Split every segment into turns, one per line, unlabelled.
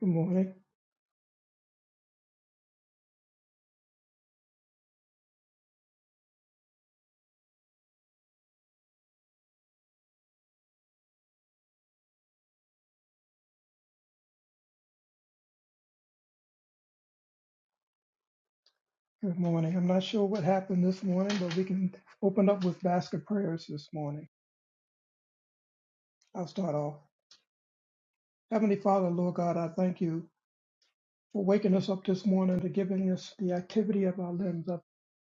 Good morning. Good morning. I'm not sure what happened this morning, but we can open up with basket prayers this morning. I'll start off. Heavenly Father, Lord God, I thank you for waking us up this morning to giving us the activity of our limbs. I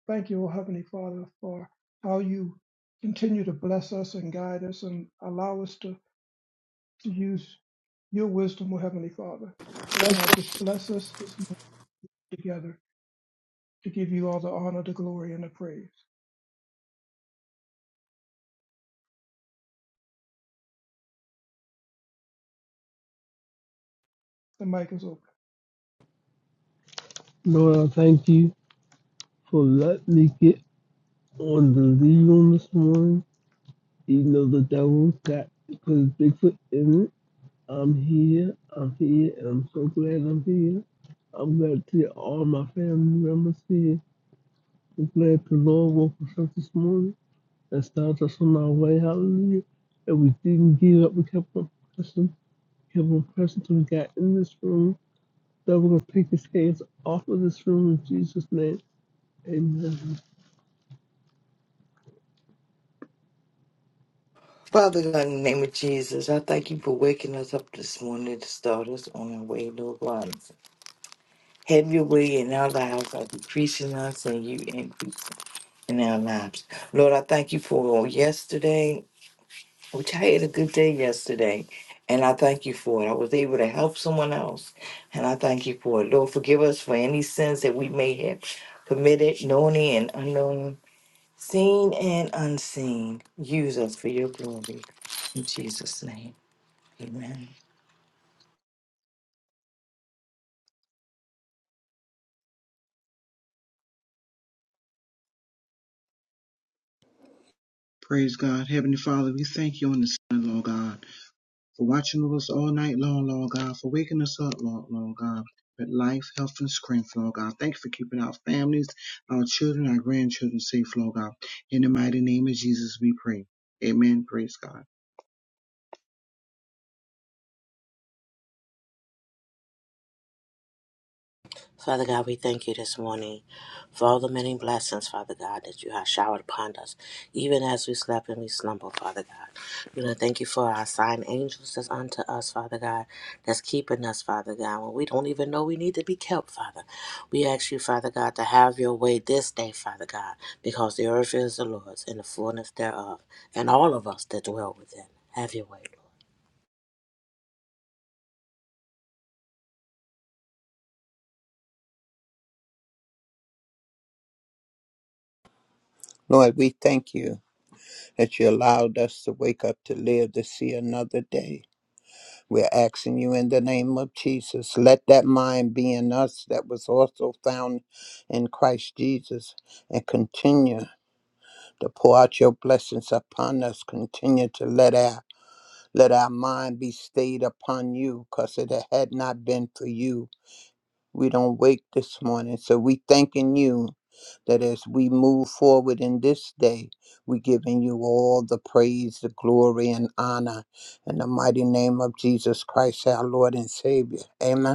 thank you, O Heavenly Father, for how you continue to bless us and guide us and allow us to, to use your wisdom, O Heavenly Father. God, just bless us this morning together to give you all the honor, the glory, and the praise. The mic is open.
Lord, I thank you for letting me get on the lead room this morning. Even though the devil got put Bigfoot in it, I'm here, I'm here, and I'm so glad I'm here. I'm glad to see all my family members here. I'm glad the Lord woke us up this morning and started us on our way, hallelujah. And we didn't give up, we kept on pressing, kept on pressing till we got in this room. Devil gonna take his hands off of this room in Jesus' name. Amen.
Father God, in the name of Jesus, I thank you for waking us up this morning to start us on our way, Lord God. Have your way in our lives by decreasing us and you increase in our lives. Lord, I thank you for yesterday, which I had a good day yesterday, and I thank you for it. I was able to help someone else, and I thank you for it. Lord, forgive us for any sins that we may have committed, known and unknown, seen and unseen. Use us for your glory. In Jesus' name. Amen.
Praise God. Heavenly Father, we thank you on this morning, Lord God, for watching over us all night long, Lord God, for waking us up, Lord, Lord God, with life, health, and strength, Lord God. Thank you for keeping our families, our children, our grandchildren safe, Lord God. In the mighty name of Jesus, we pray. Amen. Praise God.
Father God, we thank you this morning for all the many blessings, Father God, that you have showered upon us, even as we slept and we slumbered, Father God. We want to thank you for our sign angels that's unto us, Father God, that's keeping us, Father God, when we don't even know we need to be kept, Father. We ask you, Father God, to have your way this day, Father God, because the earth is the Lord's and the fullness thereof, and all of us that dwell within. Have your way, Lord.
Lord, we thank you that you allowed us to wake up to live to see another day. We're asking you in the name of Jesus, let that mind be in us that was also found in Christ Jesus and continue to pour out your blessings upon us. Continue to let our let our mind be stayed upon you, because if it had not been for you. We don't wake this morning. So we thanking you that as we move forward in this day, we're giving you all the praise, the glory, and honor in the mighty name of Jesus Christ, our Lord and Savior. Amen.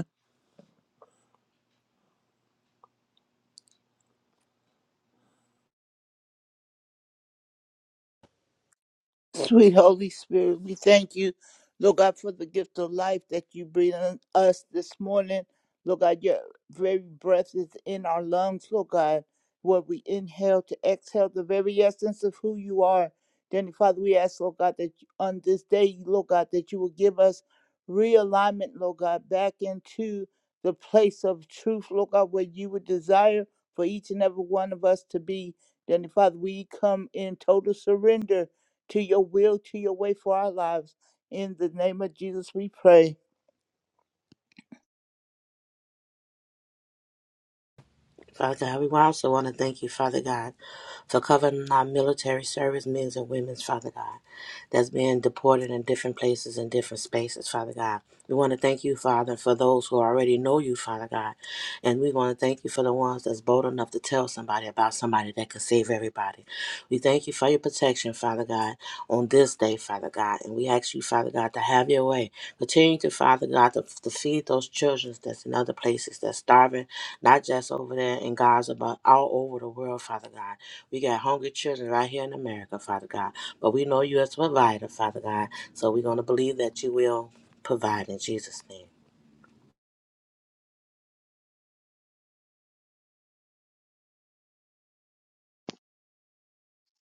Sweet Holy Spirit, we thank you, Lord God, for the gift of life that you breathe on us this morning. Lord God, your very breath is in our lungs, Lord God. What we inhale to exhale, the very essence of who you are. Dearly Father, we ask, Lord God, that you- on this day, Lord God, that you will give us realignment, Lord God, back into the place of truth, Lord God, where you would desire for each and every one of us to be. Dearly Father, we come in total surrender to your will, to your way for our lives. In the name of Jesus, we pray.
Father God, we also want to thank you, Father God, for covering our military service men's and women's, Father God, that's being deported in different places and different spaces, Father God. We want to thank you, Father, for those who already know you, Father God. And we want to thank you for the ones that's bold enough to tell somebody about somebody that can save everybody. We thank you for your protection, Father God, on this day, Father God. And we ask you, Father God, to have your way. Continue to, Father God, to, to feed those children that's in other places that's starving not just over there in Gaza, but all over the world, Father God. We got hungry children right here in America, Father God. But we know you as a provider, Father God. So we're going to believe that you will provide in Jesus' name.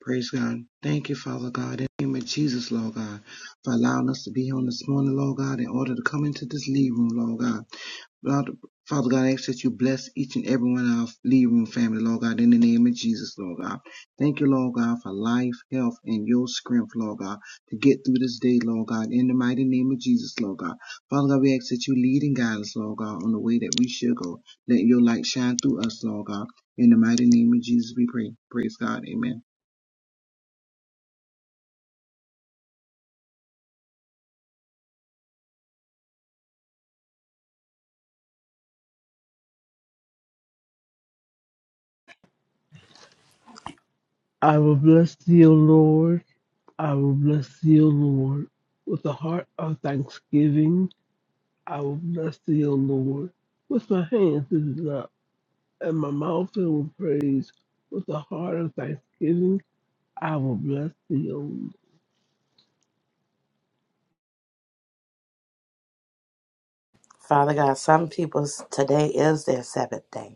Praise God. Thank you, Father God, in the name of Jesus, Lord God, for allowing us to be here on this morning, Lord God, in order to come into this lead room, Lord God. Lord, Father God, I ask that you bless each and every one of our lead room family, Lord God, in the name of Jesus, Lord God. Thank you, Lord God, for life, health, and your strength, Lord God, to get through this day, Lord God, in the mighty name of Jesus, Lord God. Father God, we ask that you lead and guide us, Lord God, on the way that we should go. Let your light shine through us, Lord God. In the mighty name of Jesus, we pray. Praise God. Amen.
I will bless thee, O Lord. I will bless thee, O Lord. With a heart of thanksgiving, I will bless thee, O Lord. With my hands lifted up and my mouth filled with praise, with a heart of thanksgiving, I will bless thee, O Lord.
Father God, some people's today is their seventh day.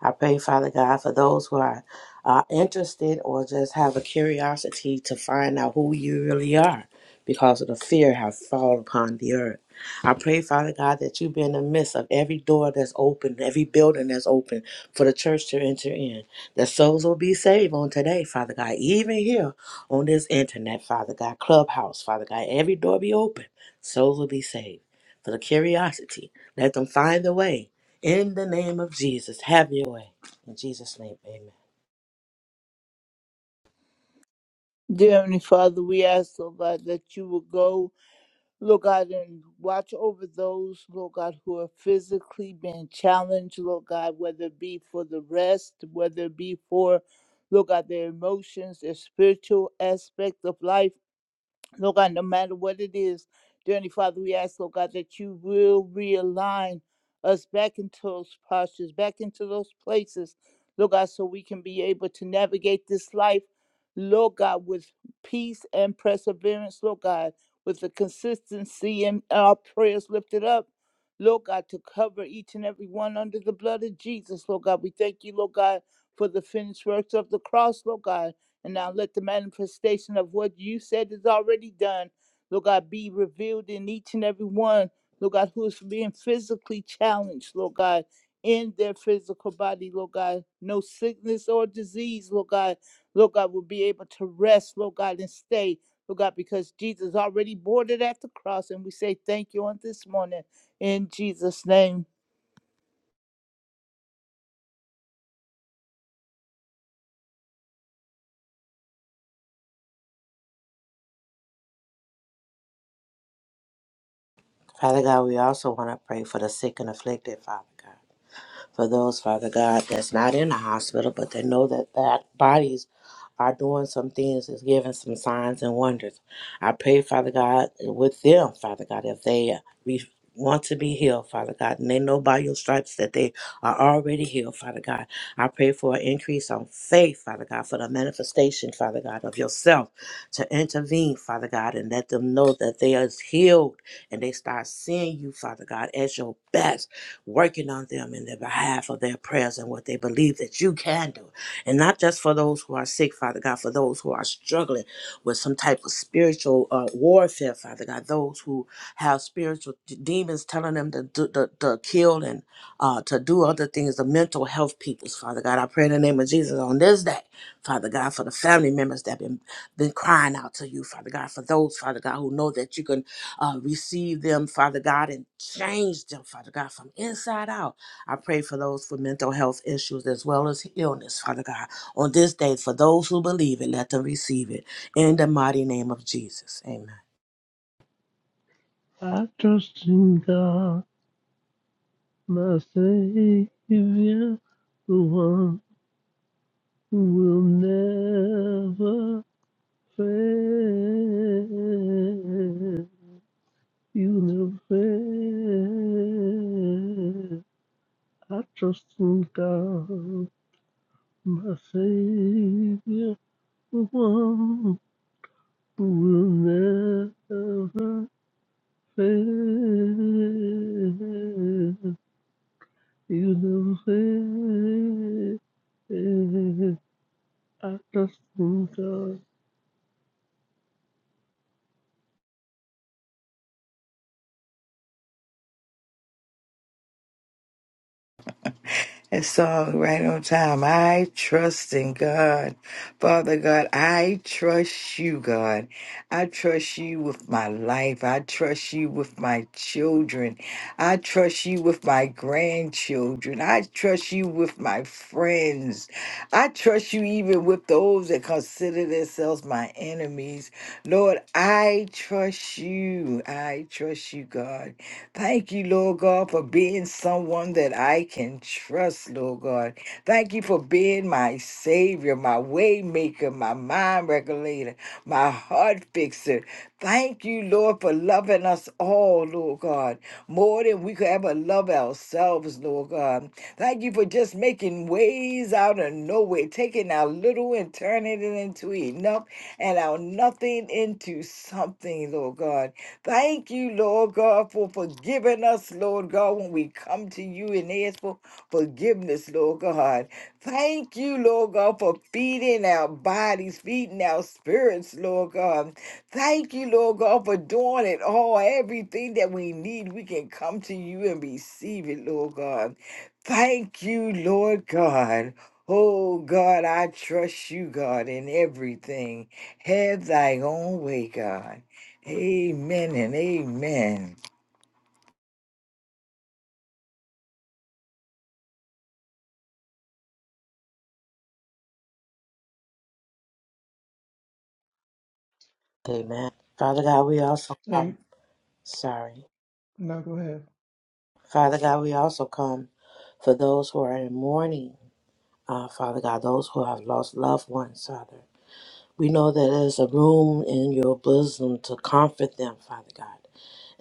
I pray, Father God, for those who are uh, interested or just have a curiosity to find out who you really are because of the fear has fallen upon the earth. I pray, Father God, that you be in the midst of every door that's open, every building that's open for the church to enter in. That souls will be saved on today, Father God, even here on this internet, Father God, clubhouse, Father God, every door be open, souls will be saved. For the curiosity, let them find the way in the name of Jesus, have your way. In Jesus' name, amen.
Dear Heavenly Father, we ask, Lord God, that you will go, Lord God, and watch over those, Lord God, who are physically being challenged, Lord God, whether it be for the rest, whether it be for, Lord God, their emotions, their spiritual aspect of life. Lord God, no matter what it is, dear Heavenly Father, we ask, Lord God, that you will realign us back into those postures, back into those places, Lord God, so we can be able to navigate this life, Lord God, with peace and perseverance, Lord God, with the consistency in our prayers lifted up. Lord God, to cover each and every one under the blood of Jesus, Lord God. We thank you, Lord God, for the finished works of the cross, Lord God. And now let the manifestation of what you said is already done, Lord God, be revealed in each and every one, Lord God, who is being physically challenged, Lord God, in their physical body, Lord God. No sickness or disease, Lord God, Lord God, will be able to rest, Lord God, and stay, Lord God, because Jesus already boarded at the cross. And we say thank you on this morning in Jesus' name.
Father God, we also want to pray for the sick and afflicted, Father God. for those, Father God, that's not in the hospital, but they know that that bodies are doing some things, is giving some signs and wonders. I pray, Father God, with them, Father God, if they re- want to be healed, Father God, and they know by your stripes that they are already healed, Father God. I pray for an increase on faith, Father God, for the manifestation, Father God, of yourself to intervene, Father God, and let them know that they are healed and they start seeing you, Father God, as your best working on them in the behalf of their prayers and what they believe that you can do. And not just for those who are sick, Father God, for those who are struggling with some type of spiritual uh, warfare, Father God, those who have spiritual d- demons telling them to, do to, to kill and uh, to do other things, the mental health peoples, Father God. I pray in the name of Jesus on this day, Father God, for the family members that have been, been crying out to you, Father God, for those, Father God, who know that you can uh, receive them, Father God, and change them, Father God, from inside out. I pray for those with mental health issues as well as illness, Father God, on this day for those who believe it, let them receive it in the mighty name of Jesus. Amen.
I trust in God, my Savior, the one who will never fail. universe. I trust in God, my Savior, the one who will never fail. Universe. I trust in God.
That song, right on time. I trust in God. Father God, I trust you, God. I trust you with my life. I trust you with my children. I trust you with my grandchildren. I trust you with my friends. I trust you even with those that consider themselves my enemies. Lord, I trust you. I trust you, God. Thank you, Lord God, for being someone that I can trust, Lord God. Thank you for being my savior, my waymaker, my mind regulator, my heart fixer. Thank you, Lord, for loving us all, Lord God, more than we could ever love ourselves, Lord God. Thank you for just making ways out of nowhere, taking our little and turning it into enough and our nothing into something, Lord God. Thank you, Lord God, for forgiving us, Lord God, when we come to you and ask for forgiveness, Lord God. Thank you, Lord God, for feeding our bodies, feeding our spirits, Lord God. Thank you, Lord God, for doing it all. Everything that we need, we can come to you and receive it, Lord God. Thank you, Lord God. Oh God, I trust you, God, in everything. Have thy own way, God. Amen and amen.
Amen. Father God, we also come.
Amen.
Sorry.
Now go ahead.
Father God, we also come for those who are in mourning. Uh, Father God, those who have lost loved ones, Father. We know that there's a room in your bosom to comfort them, Father God.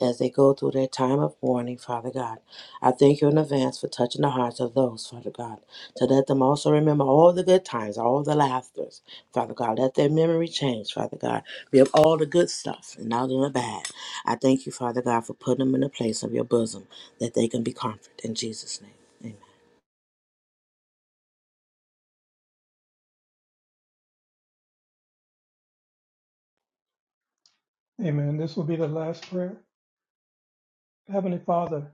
as they go through their time of mourning, Father God. I thank you in advance for touching the hearts of those, Father God, to let them also remember all the good times, all the laughters, Father God. Let their memory change, Father God. Be of all the good stuff and not of the bad. I thank you, Father God, for putting them in the place of your bosom that they can be comforted. In Jesus' name,
Amen. This will be the last prayer. Heavenly Father,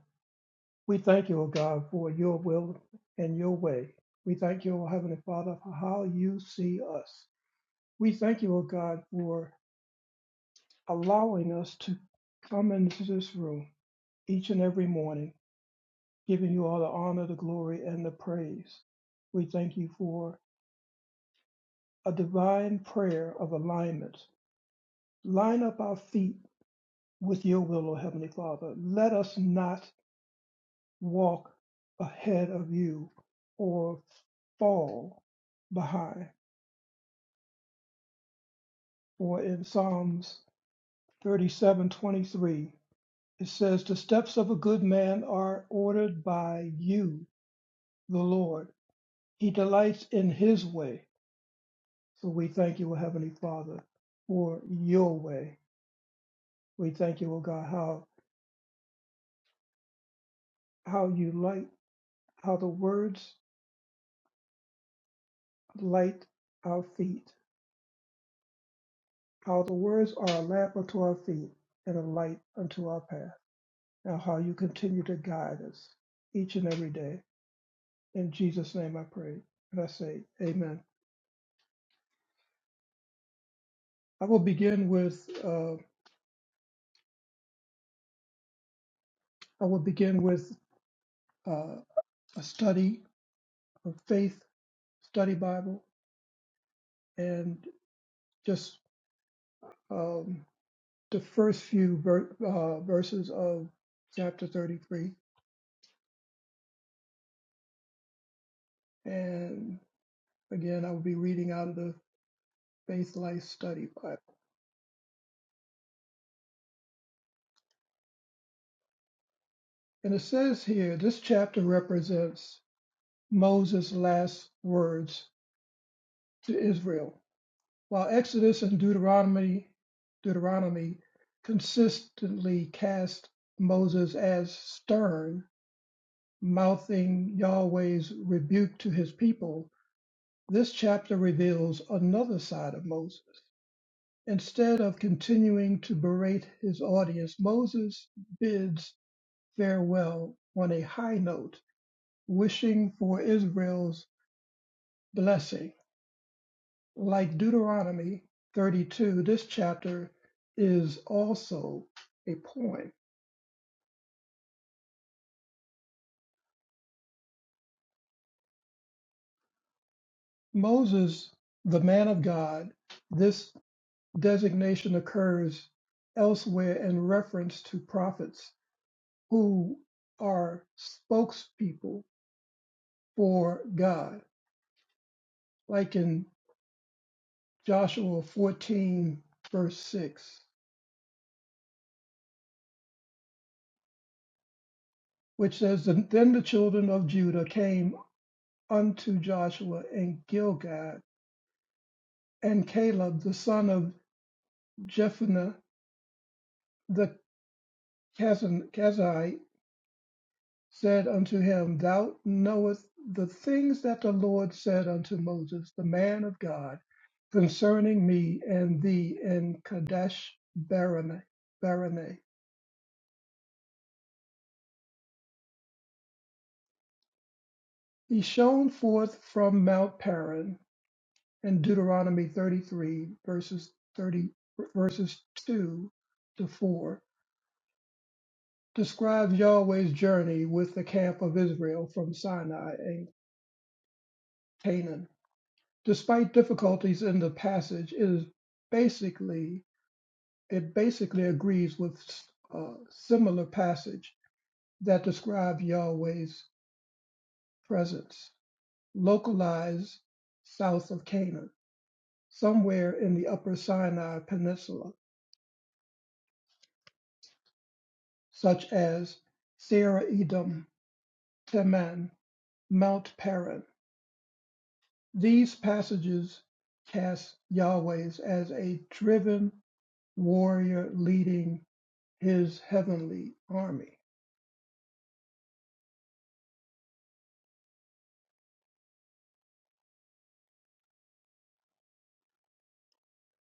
we thank you, O God, for your will and your way. We thank you, O Heavenly Father, for how you see us. We thank you, O God, for allowing us to come into this room each and every morning, giving you all the honor, the glory, and the praise. We thank you for a divine prayer of alignment. Line up our feet with your will, O Heavenly Father. Let us not walk ahead of you or fall behind. For in Psalms 37:23 it says, The steps of a good man are ordered by you, the Lord. He delights in his way. So we thank you, O Heavenly Father, for your way. We thank you, O God, how how you light, how the words light our feet, how the words are a lamp unto our feet and a light unto our path. and how you continue to guide us each and every day. In Jesus' name I pray and I say amen. I will begin with uh, I will begin with uh, a study of faith study Bible and just um, the first few ver- uh, verses of chapter 33. And again, I will be reading out of the Faith Life Study Bible. And it says here, this chapter represents Moses' last words to Israel, while Exodus and Deuteronomy Deuteronomy consistently cast Moses as stern, mouthing Yahweh's rebuke to his people, this chapter reveals another side of Moses. Instead of continuing to berate his audience, Moses bids farewell on a high note, wishing for Israel's blessing Like Deuteronomy 32, this chapter is also a poem. Moses, the man of God, this designation occurs elsewhere in reference to prophets who are spokespeople for God, like in Joshua 14, verse 6, which says, Then the children of Judah came unto Joshua in Gilgad, and Caleb, the son of Jephunneh the Kazite said unto him, Thou knowest the things that the Lord said unto Moses, the man of God, concerning me and thee in Kadesh Barane. Barane. He shone forth from Mount Paran in Deuteronomy 33 verses 30 verses 2 to 4 describes Yahweh's journey with the camp of Israel from Sinai and Canaan Despite difficulties in the passage, it is basically it basically agrees with uh, similar passage that describe Yahweh's presence, localized south of Canaan, somewhere in the Upper Sinai Peninsula, such as Sarah Edom, Teman, Mount Paran. These passages cast Yahweh as a driven warrior leading his heavenly army.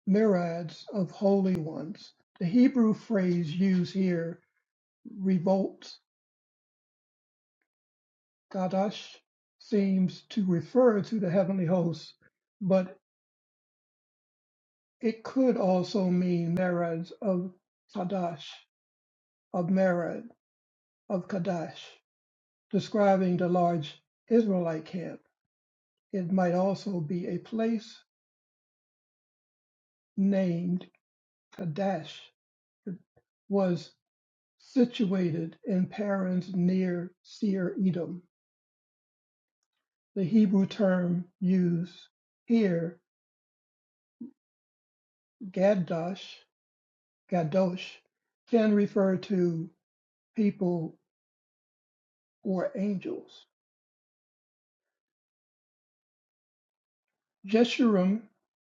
myriads of holy ones. The Hebrew phrase used here, revolt, kadash, seems to refer to the heavenly hosts, but it could also mean myriads of kadash, of myriad, of kadash, describing the large Israelite camp. It might also be a place named Kadash was situated in Paran's near Seir Edom. The Hebrew term used here, "Gaddash," "Kadosh," can refer to people or angels. Jeshurun,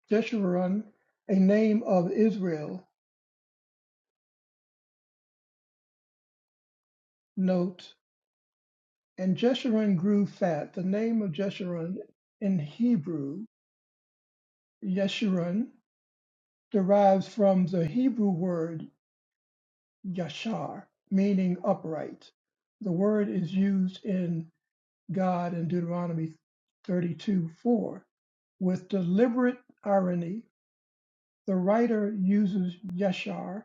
Jeshurun, a name of Israel, note, and Jeshurun grew fat. The name of Jeshurun in Hebrew, Yeshurun, derives from the Hebrew word yashar, meaning upright. The word is used in God in Deuteronomy 32 4. With deliberate irony, the writer uses Yeshar,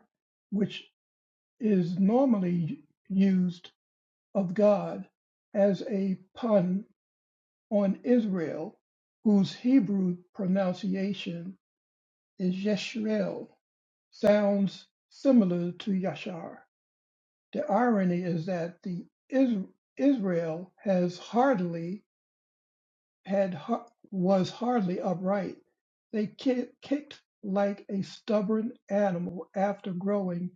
which is normally used of God, as a pun on Israel, whose Hebrew pronunciation is Yeshriel, sounds similar to Yashar. The irony is that the Is- Israel has hardly had har- was hardly upright. They ki- kicked like a stubborn animal after growing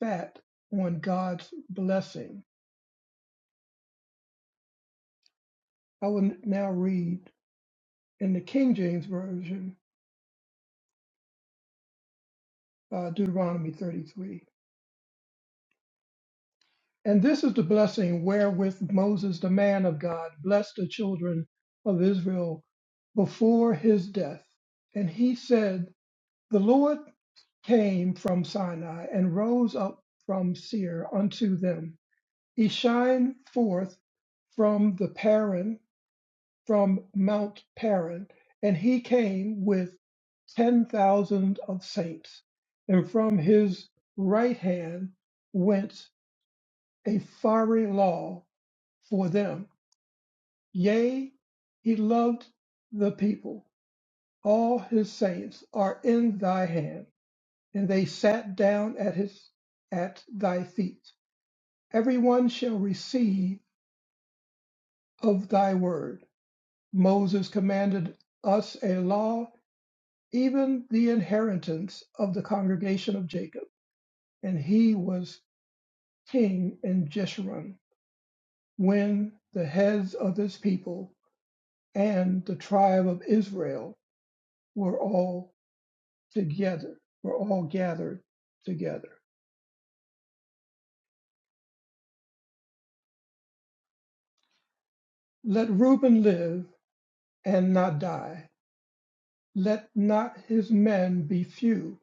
fat on God's blessing. I will now read in the King James Version, uh, Deuteronomy 33. And this is the blessing wherewith Moses, the man of God, blessed the children of Israel before his death. And he said, The Lord came from Sinai and rose up from Seir unto them. He shined forth from the Paran, from Mount Paran, and he came with ten thousand of saints. And from his right hand went a fiery law for them. Yea, he loved the people. All his saints are in thy hand and they sat down at his at thy feet. Every one shall receive of thy word. Moses commanded us a law, even the inheritance of the congregation of Jacob, and he was king in Jeshurun when the heads of his people and the tribe of Israel were all together, were all gathered together. Let Reuben live and not die let not his men be few.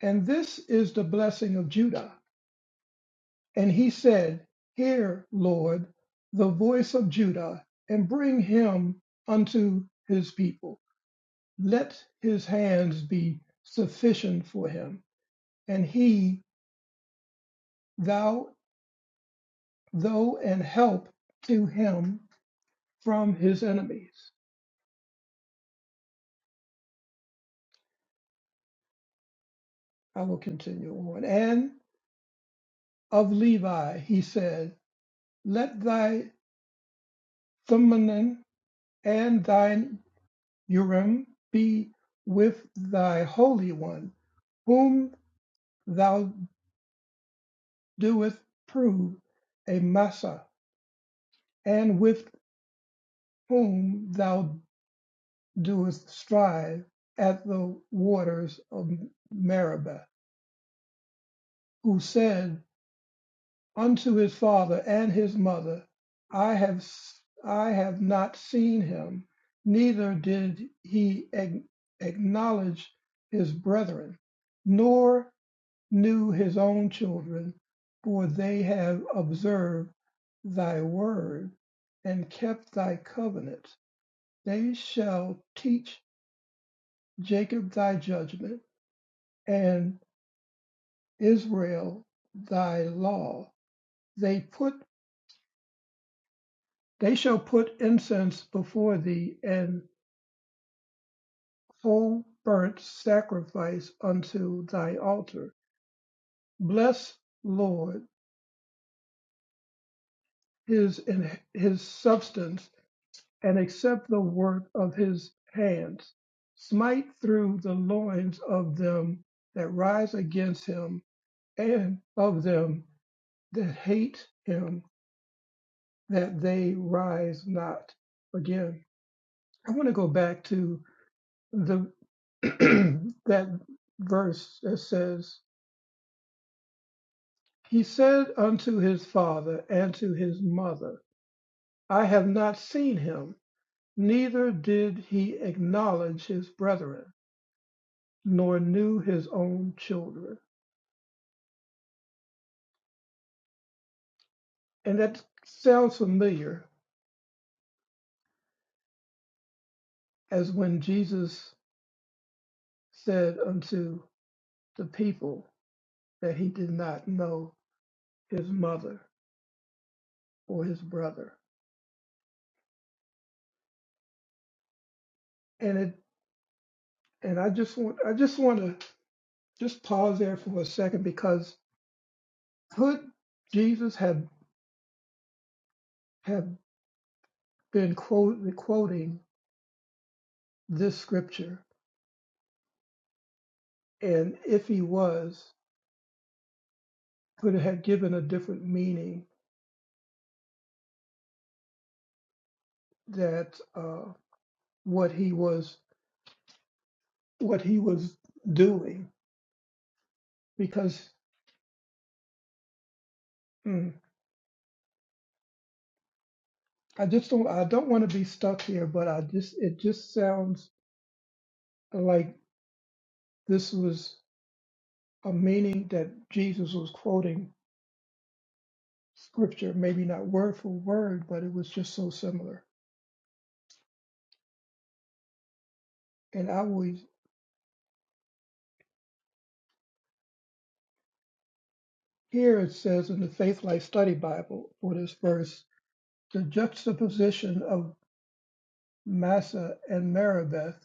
And this is the blessing of Judah. And he said, Hear, Lord, the voice of Judah, and bring him unto his people. Let his hands be sufficient for him, and he thou thou and help to him from his enemies. I will continue on. And of Levi he said, Let thy thummim and thine Urim be with thy Holy One, whom thou doest prove a Massa, and with whom thou doest strive at the waters of Meribah, who said unto his father and his mother, I have I have not seen him, neither did he ag- acknowledge his brethren, nor knew his own children, for they have observed thy word and kept thy covenant. They shall teach Jacob thy judgment and Israel thy law. They put they shall put incense before thee and whole burnt sacrifice unto thy altar. Bless Lord his his substance and accept the work of his hands. Smite through the loins of them that rise against him, and of them that hate him, that they rise not again. I want to go back to the that verse that says, He said unto his father and to his mother, I have not seen him, neither did he acknowledge his brethren nor knew his own children. And that sounds familiar as when Jesus said unto the people that he did not know his mother or his brother. And it and I just want I just want to just pause there for a second because could Jesus have have been quote, quoting this scripture? And if he was, could it have given a different meaning that uh, what he was what he was doing because mm, I just don't I don't want to be stuck here, but I just it just sounds like this was a meaning that Jesus was quoting scripture, maybe not word for word, but it was just so similar. And I always here it says in the Faith Life Study Bible for this verse, the juxtaposition of Massa and Meribeth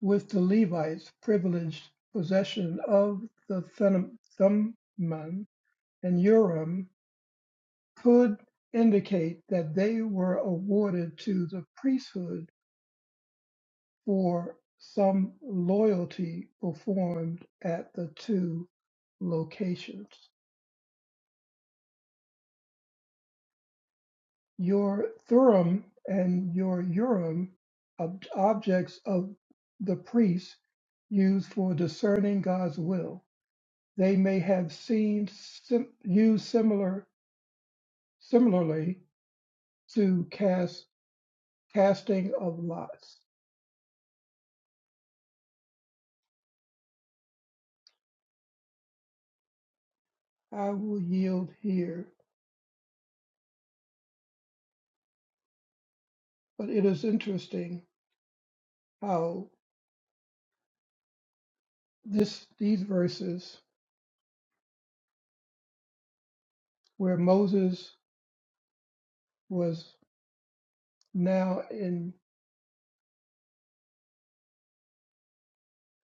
with the Levites' privileged possession of the Thummim and Urim could indicate that they were awarded to the priesthood for some loyalty performed at the two locations. Your Thurim and your Urim, ob- objects of the priests used for discerning God's will, they may have seen sim- used similar similarly to cast casting of lots. I will yield here. But it is interesting how this these verses where Moses was now in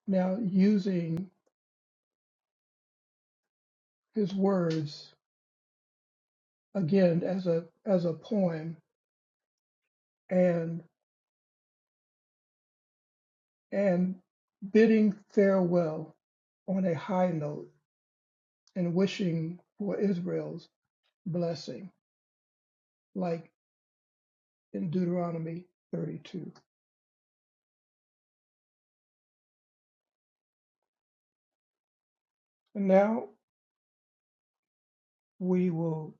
now using his words again as a as a poem and and bidding farewell on a high note and wishing for Israel's blessing, like in Deuteronomy 32. And now we will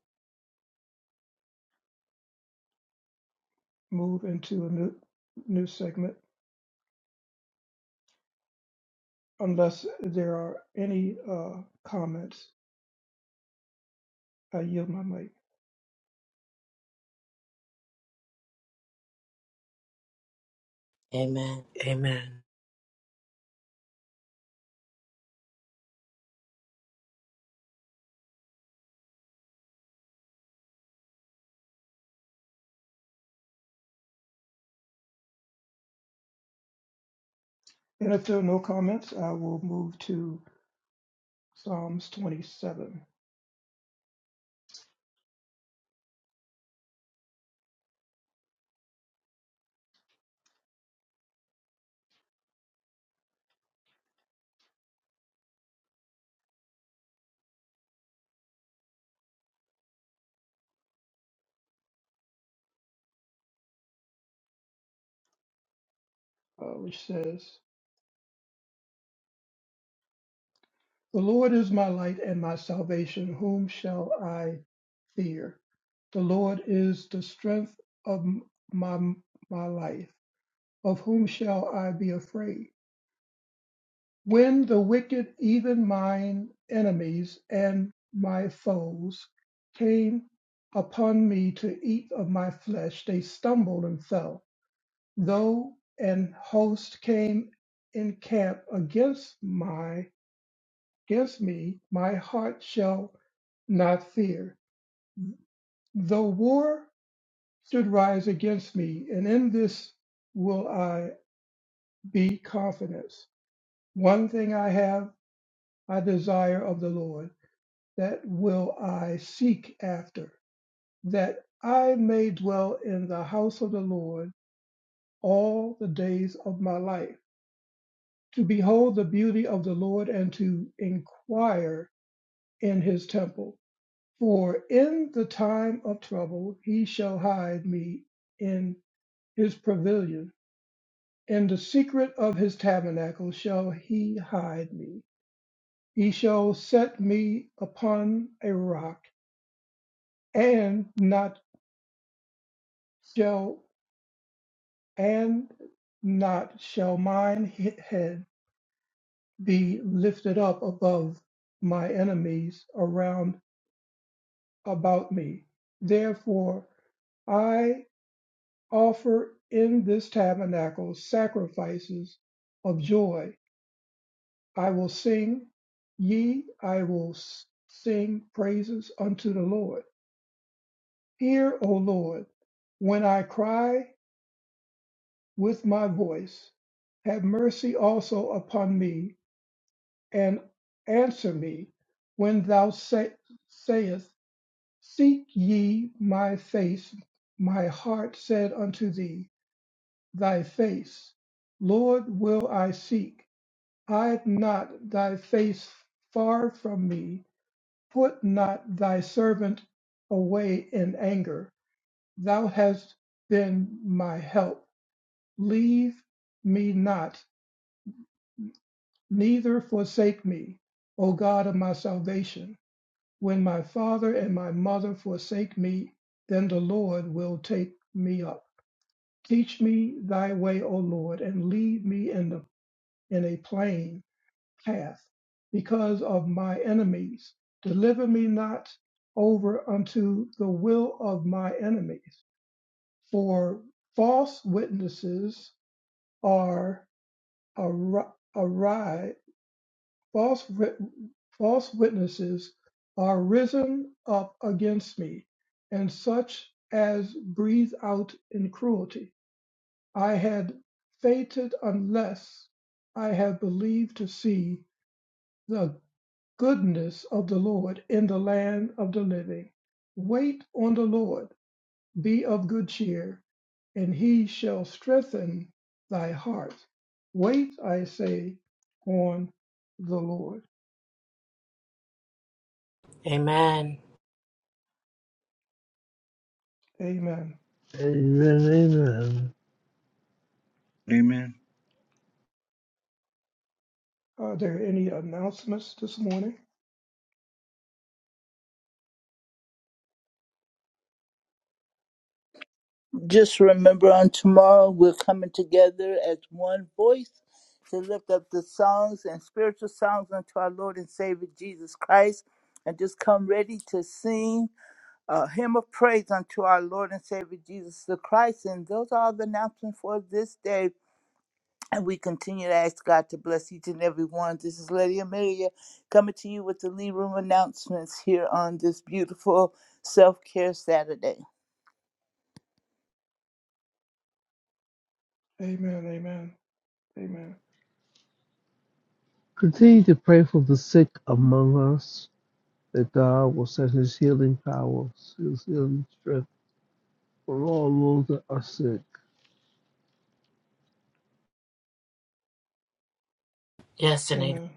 move into a new new segment Unless there are any uh, comments, I yield my mic.
amen. Amen. Amen.
And if there are no comments, I will move to Psalms 27, uh, which says, The Lord is my light and my salvation. Whom shall I fear? The Lord is the strength of m- my, my life. Of whom shall I be afraid? When the wicked, even mine enemies and my foes, came upon me to eat of my flesh, they stumbled and fell. Though an host came in camp against my against me, my heart shall not fear. Though war should rise against me, and in this will I be confident. One thing I have, I desire of the Lord that will I seek after, that I may dwell in the house of the Lord all the days of my life, to behold the beauty of the Lord and to inquire in his temple. For in the time of trouble he shall hide me in his pavilion. In the secret of his tabernacle shall he hide me. He shall set me upon a rock, and not shall and not shall mine he- head be lifted up above my enemies around about me. Therefore, I offer in this tabernacle sacrifices of joy. I will sing, ye, I will s- sing praises unto the Lord. Hear, O Lord, when I cry with my voice. Have mercy also upon me and answer me when thou say, sayest, Seek ye my face. My heart said unto thee, Thy face, Lord, will I seek. Hide not thy face far from me. Put not thy servant away in anger. Thou hast been my help. Leave me not, neither forsake me, O God of my salvation. When my father and my mother forsake me, then the Lord will take me up. Teach me thy way, O Lord, and lead me in, the, in a plain path because of my enemies. Deliver me not over unto the will of my enemies, for false witnesses are ari- arise False wit- false witnesses are risen up against me, and such as breathe out in cruelty. I had fainted unless I had believed to see the goodness of the Lord in the land of the living. Wait on the Lord, be of good cheer, and he shall strengthen thy heart. Wait, I say, on the Lord.
Amen.
Amen.
Amen, amen.
Amen.
Are there any announcements this morning?
Just remember on tomorrow we're coming together as one voice to lift up the songs and spiritual songs unto our Lord and Savior Jesus Christ. And just come ready to sing a hymn of praise unto our Lord and Savior Jesus the Christ. And those are all the announcements for this day. And we continue to ask God to bless each and every one. This is Lady Amelia coming to you with the Lee Room announcements here on this beautiful self care Saturday.
Amen, amen, amen,
Continue to pray for the sick among us, that God will send his healing powers, his healing strength For all those that are sick.
Yes, and amen.
amen.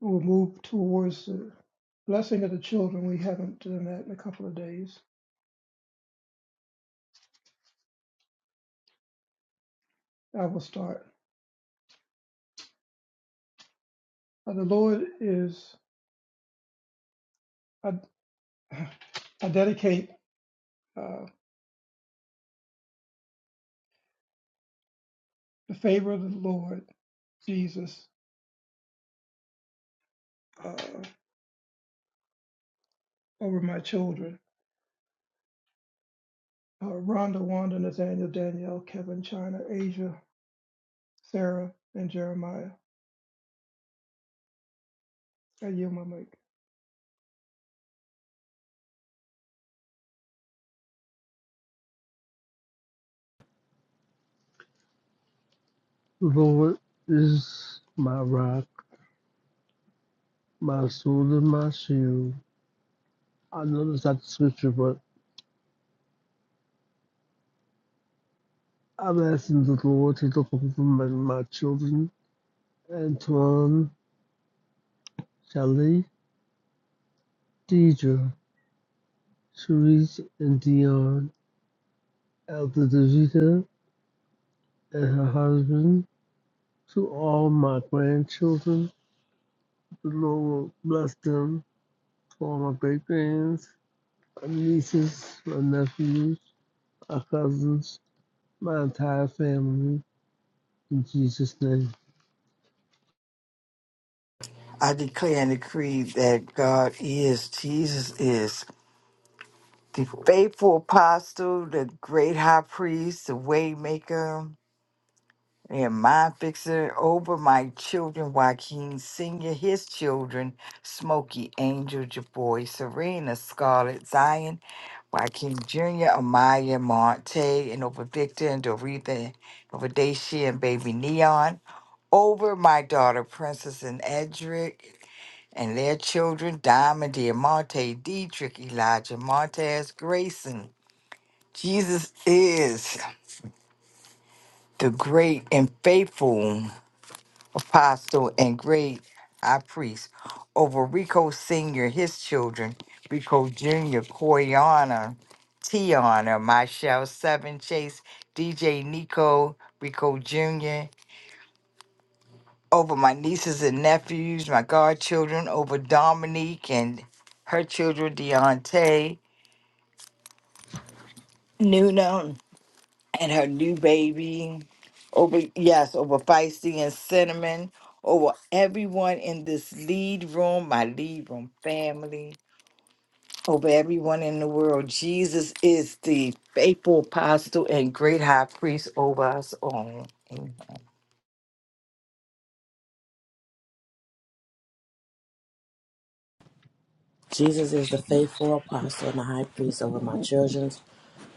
We'll move towards the blessing of the children. We haven't done that in a couple of days. I will start. Uh, the Lord is, I, I dedicate uh, the favor of the Lord Jesus uh, over my children uh, Rhonda, Wanda, Nathaniel, Danielle, Kevin, China, Asia, Sarah, and Jeremiah. And you, mic.
Lord is my rock, my sword, and my shield. I know that's not the scripture, but I'm asking the Lord to look over my, my children, Antoine, Shelley, Deidre, Cherise, and Dion, Elder Davida, and her husband, to all my grandchildren. The Lord will bless them, to all my great grands, my nieces, my nephews, my cousins, my entire family in Jesus' name.
I declare and decree that God is, Jesus is the faithful apostle, the great high priest, the waymaker, and mind fixer over my children, Joaquin Sr., his children, Smokey, Angel, Javoy, Serena, Scarlett, Zion, Joaquin Jr., Amaya, Monte, and over Victor and Doretha, over Daisha and baby Neon. over my daughter, Princess and Edric, and their children, Diamond, Diamante, Dietrich, Elijah, Montez, Grayson. Jesus is the great and faithful apostle and great high priest over Rico Sr., his children, Rico Jr., Koyana, Tiana, Michelle Seven Chase, DJ Nico, Rico Jr. over my nieces and nephews, my godchildren, over Dominique and her children, Deontay, Nuna, and her new baby, over, yes, over Feisty and Cinnamon, over everyone in this lead room, my lead room family, over everyone in the world. Jesus is the faithful apostle and great high priest over us all. Amen.
Jesus is the faithful apostle and the high priest over my children's.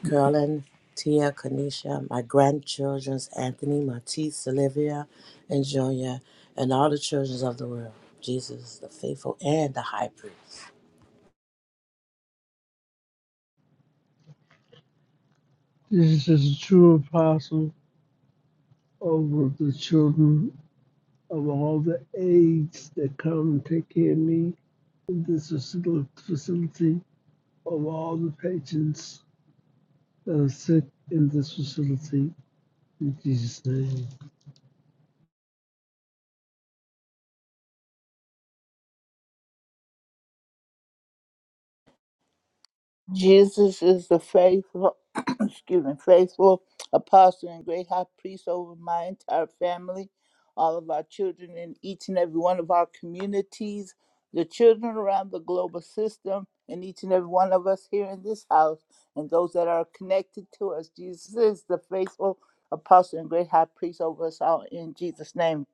Carolyn, Tia, Kanisha, my grandchildren's Anthony, Matisse, Olivia, and Julia, and all the children of the world. Jesus, the faithful and the high priest.
Jesus is a true apostle over the children of all the aides that come and take care of me in this facil- facility, of all the patients that are sick in this facility in Jesus' name.
Jesus is the faithful, excuse me, faithful apostle and great high priest over my entire family, all of our children in each and every one of our communities, the children around the global system, and each and every one of us here in this house, and those that are connected to us. Jesus is the faithful apostle and great high priest over us all in Jesus' name.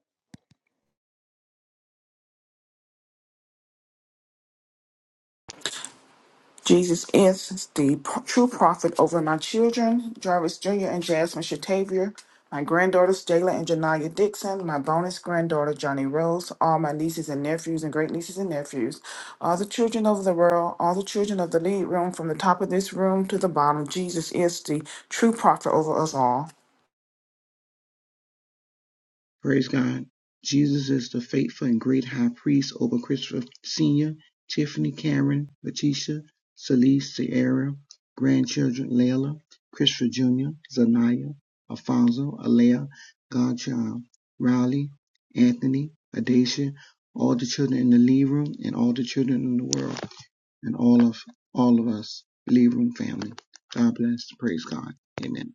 Jesus is the p- true prophet over my children, Jarvis Jr. and Jasmine Shatavia, my granddaughters, Jayla and Janaya Dixon, my bonus granddaughter, Johnny Rose, all my nieces and nephews and great nieces and nephews, all the children of the world, all the children of the lead room, from the top of this room to the bottom. Jesus is the true prophet over us all.
Praise God. Jesus is the faithful and great high priest over Christopher Sr., Tiffany, Karen, Letitia, Celeste, Sierra, grandchildren, Layla, Christopher Jr., Zanaya, Alfonso, Alea, Godchild, Riley, Anthony, Adacia, all the children in the lead room and all the children in the world and all of all of us, lead room family. God bless. Praise God. Amen.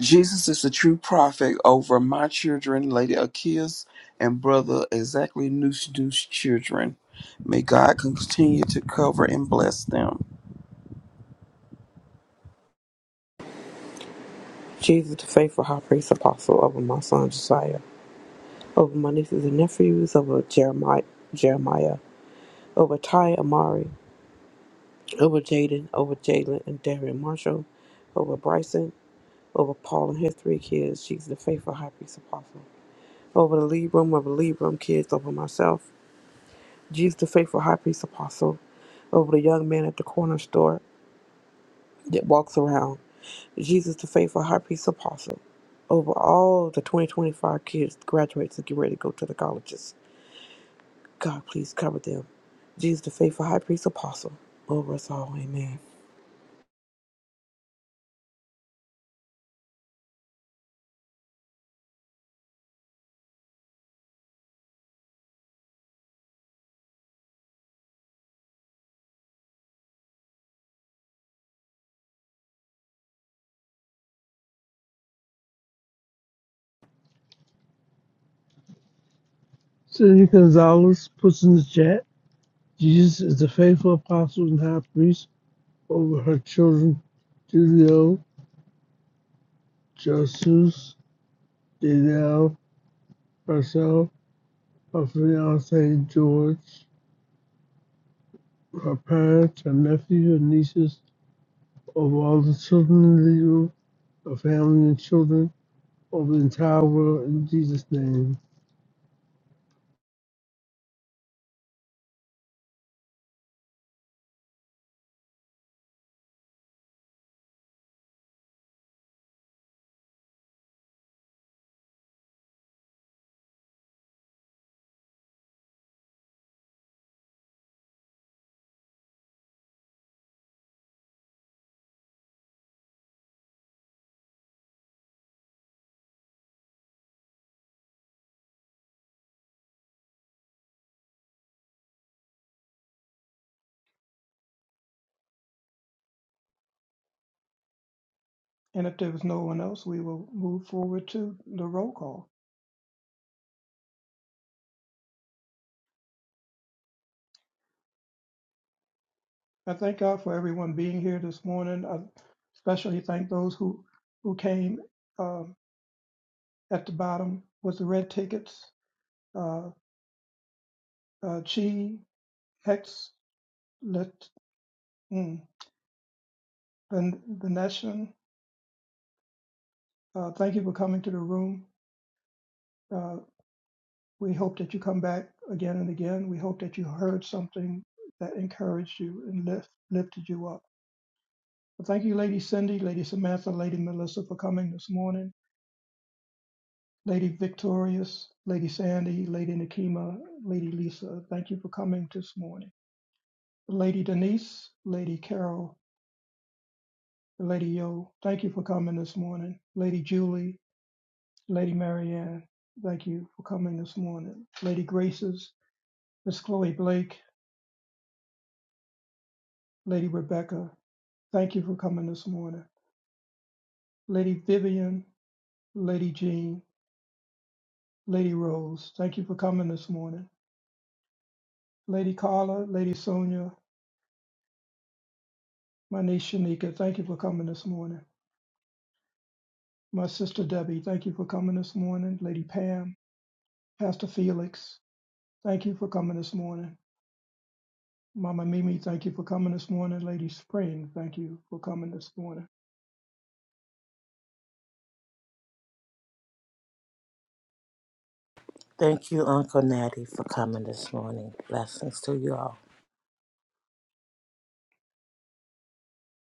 Jesus is the true prophet over my children, Lady Akia's and brother exactly Noosh Noosh children. May God continue to cover and bless them.
Jesus, the faithful high priest apostle over my son Josiah, over my nieces and nephews, over Jeremiah, Jeremiah over Ty Amari, over Jaden, over Jalen and Darian Marshall, over Bryson, over Paul and his three kids, Jesus the faithful high priest apostle. Over the lead room, over the lead room kids, over myself, Jesus the faithful high priest apostle. Over the young man at the corner store, that walks around Jesus, the faithful high priest apostle, over all the 2025 kids graduates to get ready to go to the colleges. God, please cover them. Jesus, the faithful high priest apostle, over us all. Amen.
Cindy Gonzalez puts in the chat, Jesus is the faithful apostle and high priest over her children, Julio, Jesus, Danielle, herself, Her fiance George, her parents, her nephews, her nieces, of all the children in the room, her family and children, of the entire world, in Jesus' name.
And if there was no one else, we will move forward to the roll call. I thank God for everyone being here this morning. I especially thank those who who came um, at the bottom with the red tickets. Uh, uh, Chi, Hex, Let, mm, Van- Vanessa, uh, thank you for coming to the room. Uh, we hope that you come back again and again. We hope that you heard something that encouraged you and lift, lifted you up. Well, thank you, Lady Cindy, Lady Samantha, Lady Melissa for coming this morning. Lady Victorious, Lady Sandy, Lady Nakima, Lady Lisa, thank you for coming this morning. Lady Denise, Lady Carol, Lady Yo, thank you for coming this morning. Lady Julie, Lady Marianne, thank you for coming this morning. Lady Graces, Miss Chloe Blake, Lady Rebecca, thank you for coming this morning. Lady Vivian, Lady Jean, Lady Rose, thank you for coming this morning. Lady Carla, Lady Sonia, my niece Shanika, thank you for coming this morning. My sister Debbie, thank you for coming this morning. Lady Pam, Pastor Felix, thank you for coming this morning. Mama Mimi, thank you for coming this morning. Lady Spring, thank you for coming this morning.
Thank you, Uncle Natty, for coming this morning. Blessings to you all.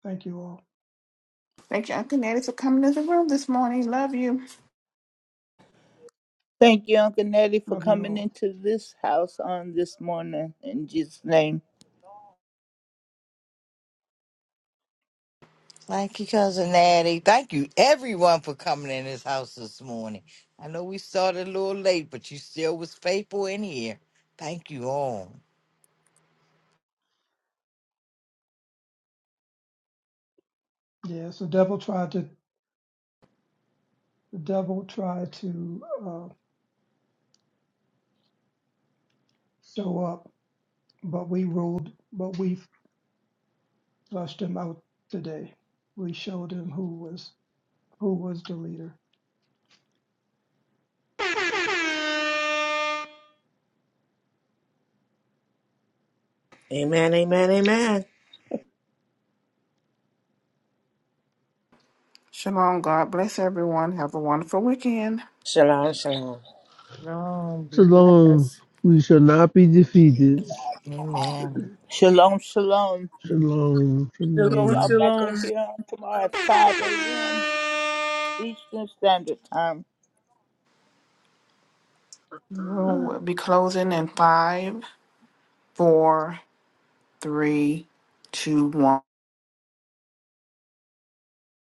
Thank you all.
Thank you, Uncle Natty, for coming to the room this morning. Love you.
Thank you, Uncle Nettie, for
Love you
coming
all.
into this house on this morning. In Jesus' name.
Thank you, Cousin Natty. Thank you, everyone, for coming in this house this morning. I know we started a little late, but you still was faithful in here. Thank you all.
Yes, the devil tried to the devil tried to uh, show up, but we ruled, but we flushed him out today. We showed him who was who was the leader.
Amen, amen, amen.
Shalom. God bless everyone. Have a wonderful weekend.
Shalom, shalom.
Long be
Shalom.
blessed.
We shall not be defeated.
Amen.
Shalom, shalom.
Shalom.
Hear
Shalom,
y'all
Shalom.
back
shalom.
up here on tomorrow at 5 a.m. Eastern Standard Time.
The room will be closing in five, four, three, two, one.